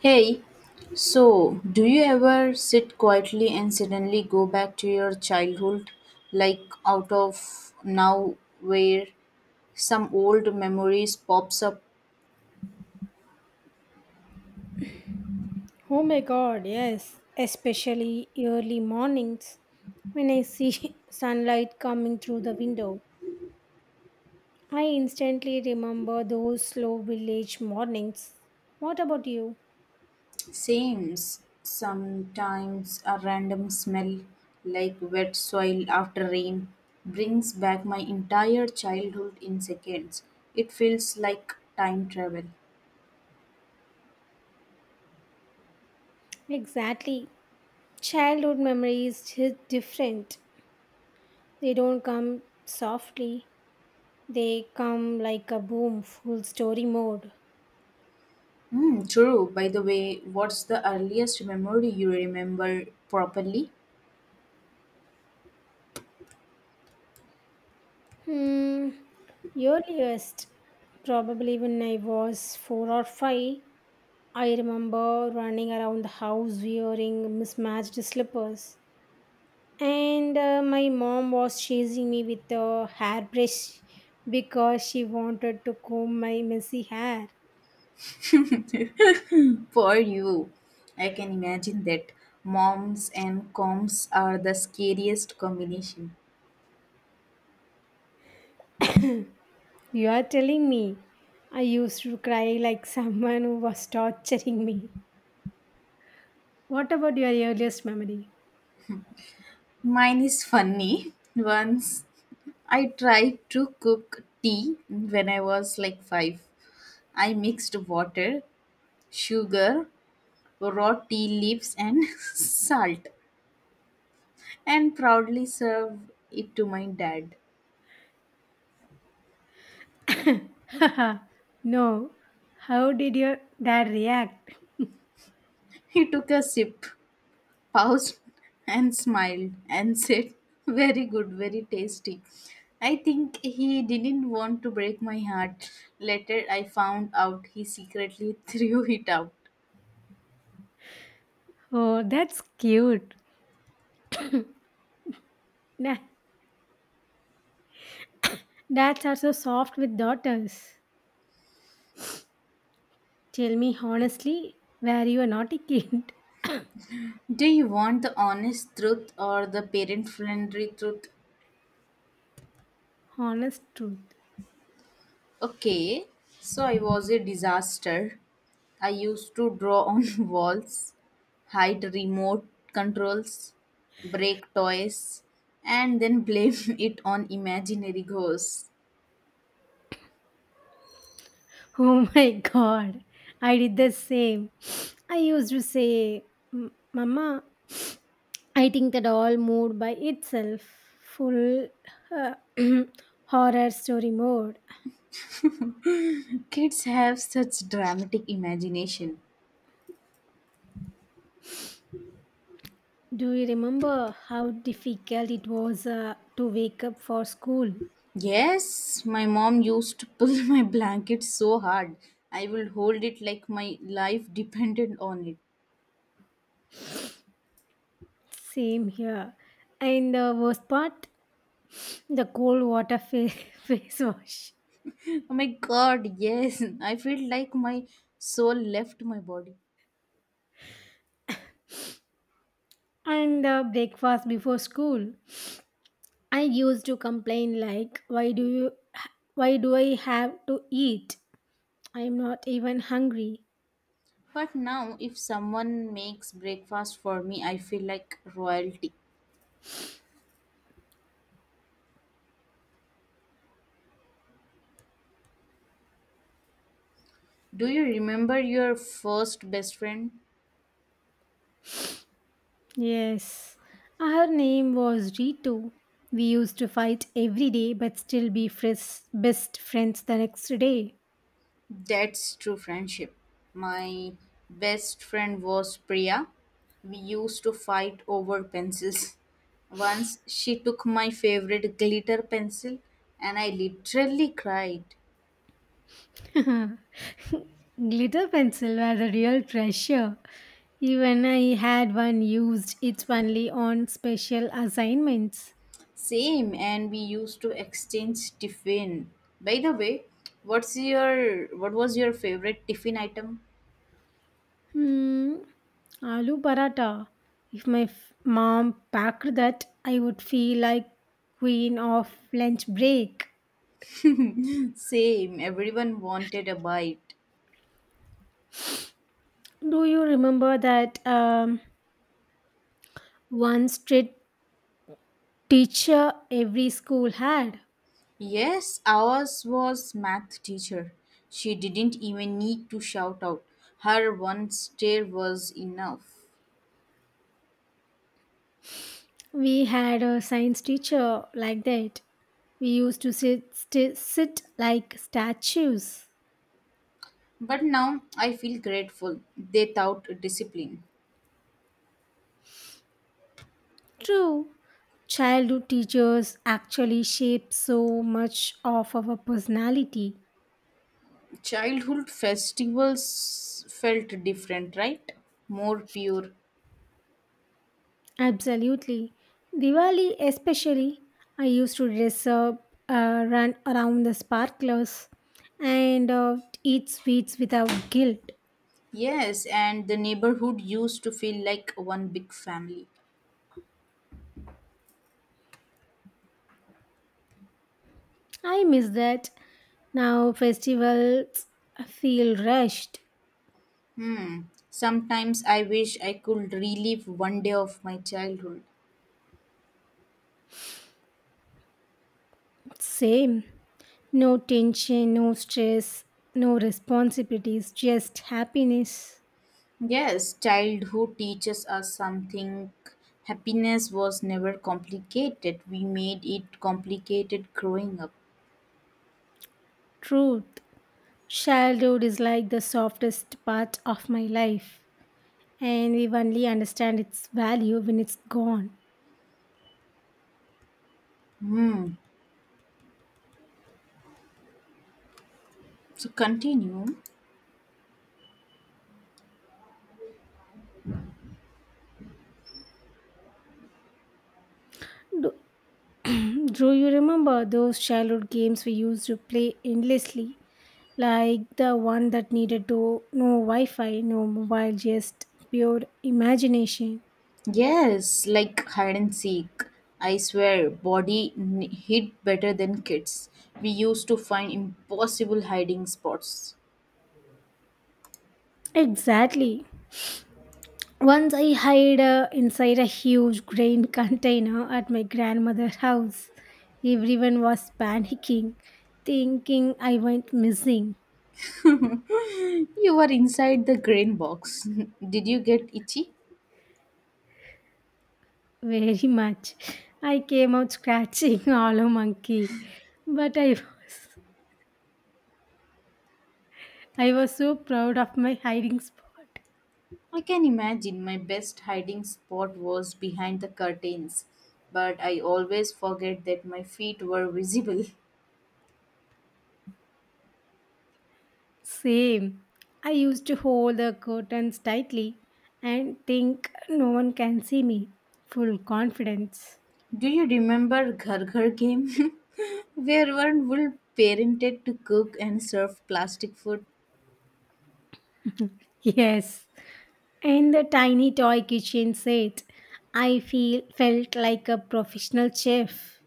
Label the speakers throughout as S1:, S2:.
S1: Hey, so do you ever sit quietly and suddenly go back to your childhood, like out of now where some old memories pops up?
S2: Oh my god, yes, especially early mornings when I see sunlight coming through the window. I instantly remember those slow village mornings. What about you?
S1: Sames. Sometimes a random smell, like wet soil after rain, brings back my entire childhood in seconds. It feels like time travel.
S2: Exactly. Childhood memories hit different. They don't come softly. They come like a boom, full story mode.
S1: Hmm, true. By the way, what's the earliest memory you remember properly?
S2: Hmm. Earliest, probably when I was four or five, I remember running around the house wearing mismatched slippers, and my mom was chasing me with a hairbrush because she wanted to comb my messy hair.
S1: For you, I can imagine that moms and coms are the scariest combination.
S2: You are telling me I used to cry like someone who was torturing me. What about your earliest memory?
S1: Mine is funny. Once I tried to cook tea when I was like five. I mixed water, sugar, raw tea leaves, and salt, and proudly served it to my dad.
S2: No. How did your dad react?
S1: He took a sip paused and smiled and said, very good, very tasty. I think he didn't want to break my heart. Later, I found out he secretly threw it out.
S2: Oh, that's cute. Da- Dads are so soft with daughters. Tell me honestly, were you are not a naughty kid?
S1: Do you want the honest truth or the parent friendly truth?
S2: Honest truth.
S1: Okay, so I was a disaster. I used to draw on walls, hide remote controls, break toys, and then blame it on imaginary ghosts.
S2: Oh my god, I did the same. I used to say, Mama, I think that all moved by itself, full uh, horror story mode.
S1: Kids have such dramatic imagination.
S2: Do you remember how difficult it was to wake up for school?
S1: Yes, my mom used to pull my blanket so hard. I would hold it like my life depended on it.
S2: Same here. And the worst part, the cold water face wash.
S1: Oh my god, yes. I feel like my soul left my body.
S2: And breakfast before school. I used to complain like, "Why do you? Why do I have to eat? I am not even hungry."
S1: But now, if someone makes breakfast for me, I feel like royalty. Do you remember your first best friend?
S2: Yes, her name was Ritu. We used to fight every day, but still be best friends the next day.
S1: That's true friendship. My best friend was Priya. We used to fight over pencils. Once she took my favorite glitter pencil and I literally cried.
S2: Glitter pencil was a real treasure. Even I had one used. It's only on special assignments.
S1: Same, and we used to exchange tiffin. By the way, what was your favorite tiffin item?
S2: Hmm, aloo paratha. If my mom packed that, I would feel like queen of lunch break.
S1: Same, everyone wanted a bite.
S2: Do you remember that one strict teacher every school had?
S1: Yes, ours was math teacher. She didn't even need to shout out. Her one stare was enough.
S2: We had a science teacher like that. We used to sit like statues.
S1: But now I feel grateful. They taught discipline.
S2: True, childhood teachers actually shape so much of our personality.
S1: Childhood festivals felt different, right? More pure.
S2: Absolutely. Diwali, especially, I used to dress up, run around the sparklers, and eat sweets without guilt.
S1: Yes, and the neighborhood used to feel like one big family.
S2: I miss that. Now festivals feel rushed.
S1: Hmm. Sometimes I wish I could relive one day of my childhood.
S2: Same. No tension, no stress, no responsibilities, just happiness,
S1: Yes, childhood teaches us something. Happiness was never complicated. We made it complicated growing up.
S2: truth. Childhood is like the softest part of my life, and we only understand its value when it's gone.
S1: Hmm. So continue.
S2: Do, do you remember those childhood games we used to play endlessly? Like the one that needed to no Wi Fi, no mobile, just pure imagination.
S1: Yes, like hide and seek. I swear, hid better than kids. We used to find impossible hiding spots.
S2: Exactly. Once I hid inside a huge grain container at my grandmother's house. Everyone was panicking, thinking I went missing.
S1: You were inside the grain box. Did you get itchy?
S2: Very much. I came out scratching hollow monkey, but I was so proud of my hiding spot.
S1: I can imagine my best hiding spot was behind the curtains, but I always forget that my feet were visible.
S2: Same. I used to hold the curtains tightly and think no one can see me. Full confidence.
S1: Do you remember Ghar Ghar game? Where one would parented to cook and serve plastic food.
S2: Yes. And the tiny toy kitchen set. I feel felt like a professional chef.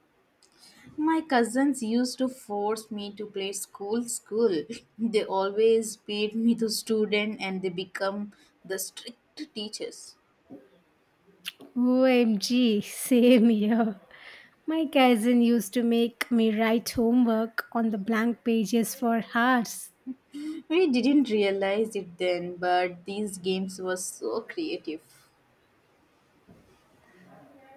S1: My cousins used to force me to play school school. They always beat me the student and they become the strict teachers.
S2: OMG, same here. My cousin used to make me write homework on the blank pages for hours.
S1: We didn't realize it then, but these games were so creative.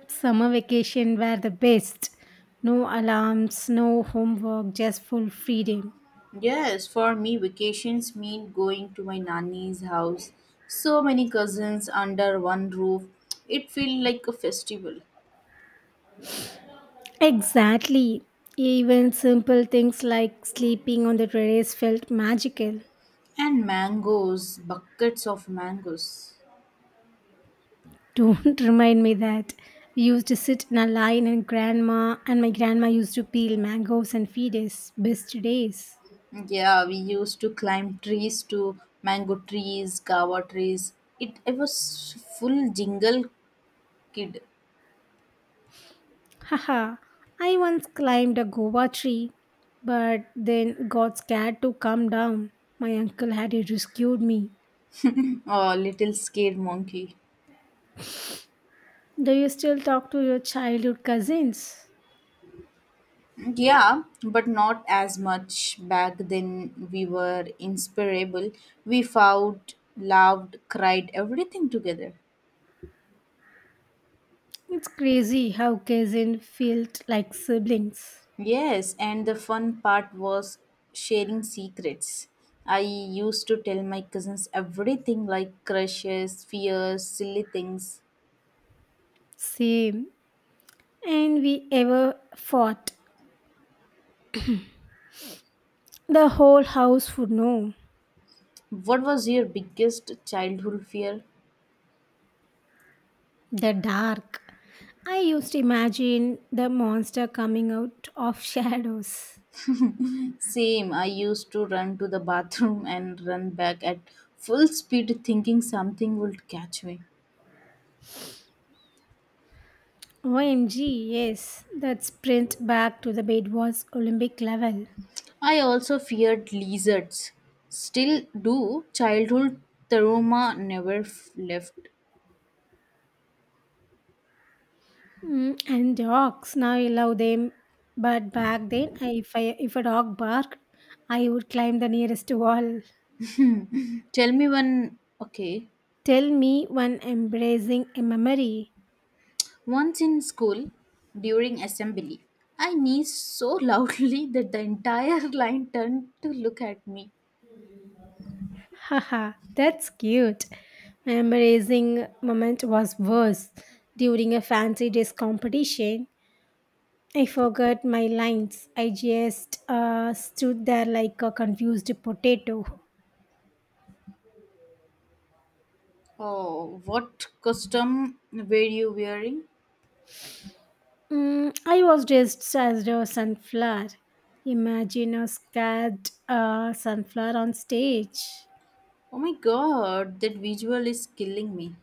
S2: Summer vacation were the best. No alarms, no homework, just full freedom.
S1: Yes, for me, vacations mean going to my nanny's house. So many cousins under one roof. It feels like a festival.
S2: Exactly. Even simple things like sleeping on the terrace felt magical.
S1: And mangoes, buckets of mangoes.
S2: Don't remind me that. We used to sit in a line and my grandma used to peel mangoes and feed us. Best days.
S1: Yeah, we used to climb trees to mango trees, kava trees. It, I was full jingle kid,
S2: Haha, I once climbed a guava tree, but then got scared to come down. My uncle had rescued me.
S1: or little scared monkey.
S2: Do you still talk to your childhood cousins?
S1: Yeah, but not as much back then. We were inseparable. We fought, loved, cried, everything together.
S2: It's crazy how cousins felt like siblings.
S1: Yes, and the fun part was sharing secrets. I used to tell my cousins everything like crushes, fears, silly things.
S2: Same. And we ever fought. The whole house would know.
S1: What was your biggest childhood fear?
S2: The dark. I used to imagine the monster coming out of shadows.
S1: Same, I used to run to the bathroom and run back at full speed thinking something would catch me.
S2: OMG, yes, that sprint back to the bed was Olympic level.
S1: I also feared lizards. Still do. Childhood trauma never left.
S2: Mm, and dogs, now I love them. But back then, if a dog barked, I would climb the nearest wall.
S1: Tell me one. Okay.
S2: Tell me one embracing a memory.
S1: Once in school, during assembly, I sneezed so loudly that the entire line turned to look at me.
S2: Haha, that's cute. My embracing moment was worse. During a fancy dress competition, I forgot my lines. I just stood there like a confused potato.
S1: Oh, what costume were you wearing?
S2: Mm, I was dressed as a sunflower. Imagine a scared sunflower on stage.
S1: Oh my god, that visual is killing me.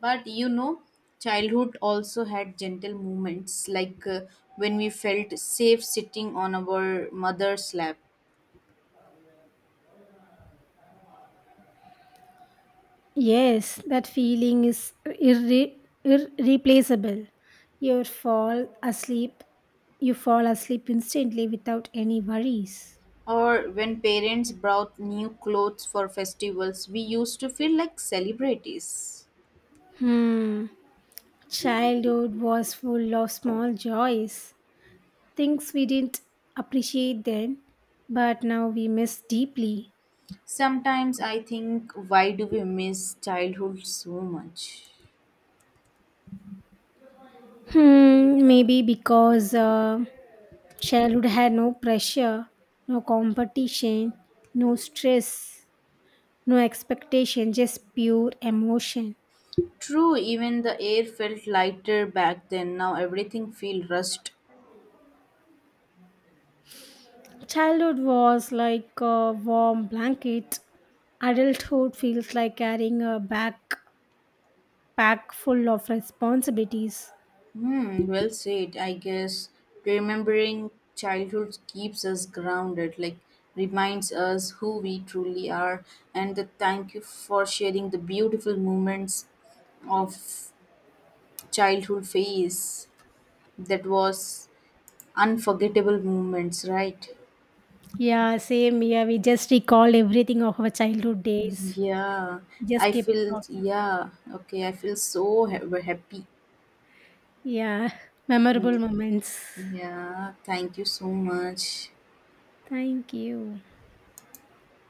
S1: But you know, childhood also had gentle moments like when we felt safe sitting on our mother's lap,
S2: Yes, that feeling is irreplaceable. You fall asleep. You fall asleep instantly without any worries.
S1: or when parents brought new clothes for festivals, we used to feel like celebrities.
S2: Hmm. Childhood was full of small joys, things we didn't appreciate then, but now we miss deeply.
S1: Sometimes I think, why do we miss childhood so much?
S2: Hmm, maybe because childhood had no pressure, no competition, no stress, no expectation, just pure emotion.
S1: True, even the air felt lighter back then. Now everything feels rushed.
S2: Childhood was like a warm blanket. Adulthood feels like carrying a backpack full of responsibilities.
S1: Hmm, well said. I guess remembering childhood keeps us grounded, like reminds us who we truly are. And the thank you for sharing the beautiful moments of childhood phase that was unforgettable moments, right?
S2: Yeah, same. Yeah, we just recalled everything of our childhood days.
S1: Yeah,
S2: Just
S1: I
S2: kept
S1: feel,
S2: talking.
S1: yeah, okay, I feel so happy.
S2: Yeah,
S1: Hmm.
S2: memorable moments.
S1: Yeah, thank you so much.
S2: Thank you.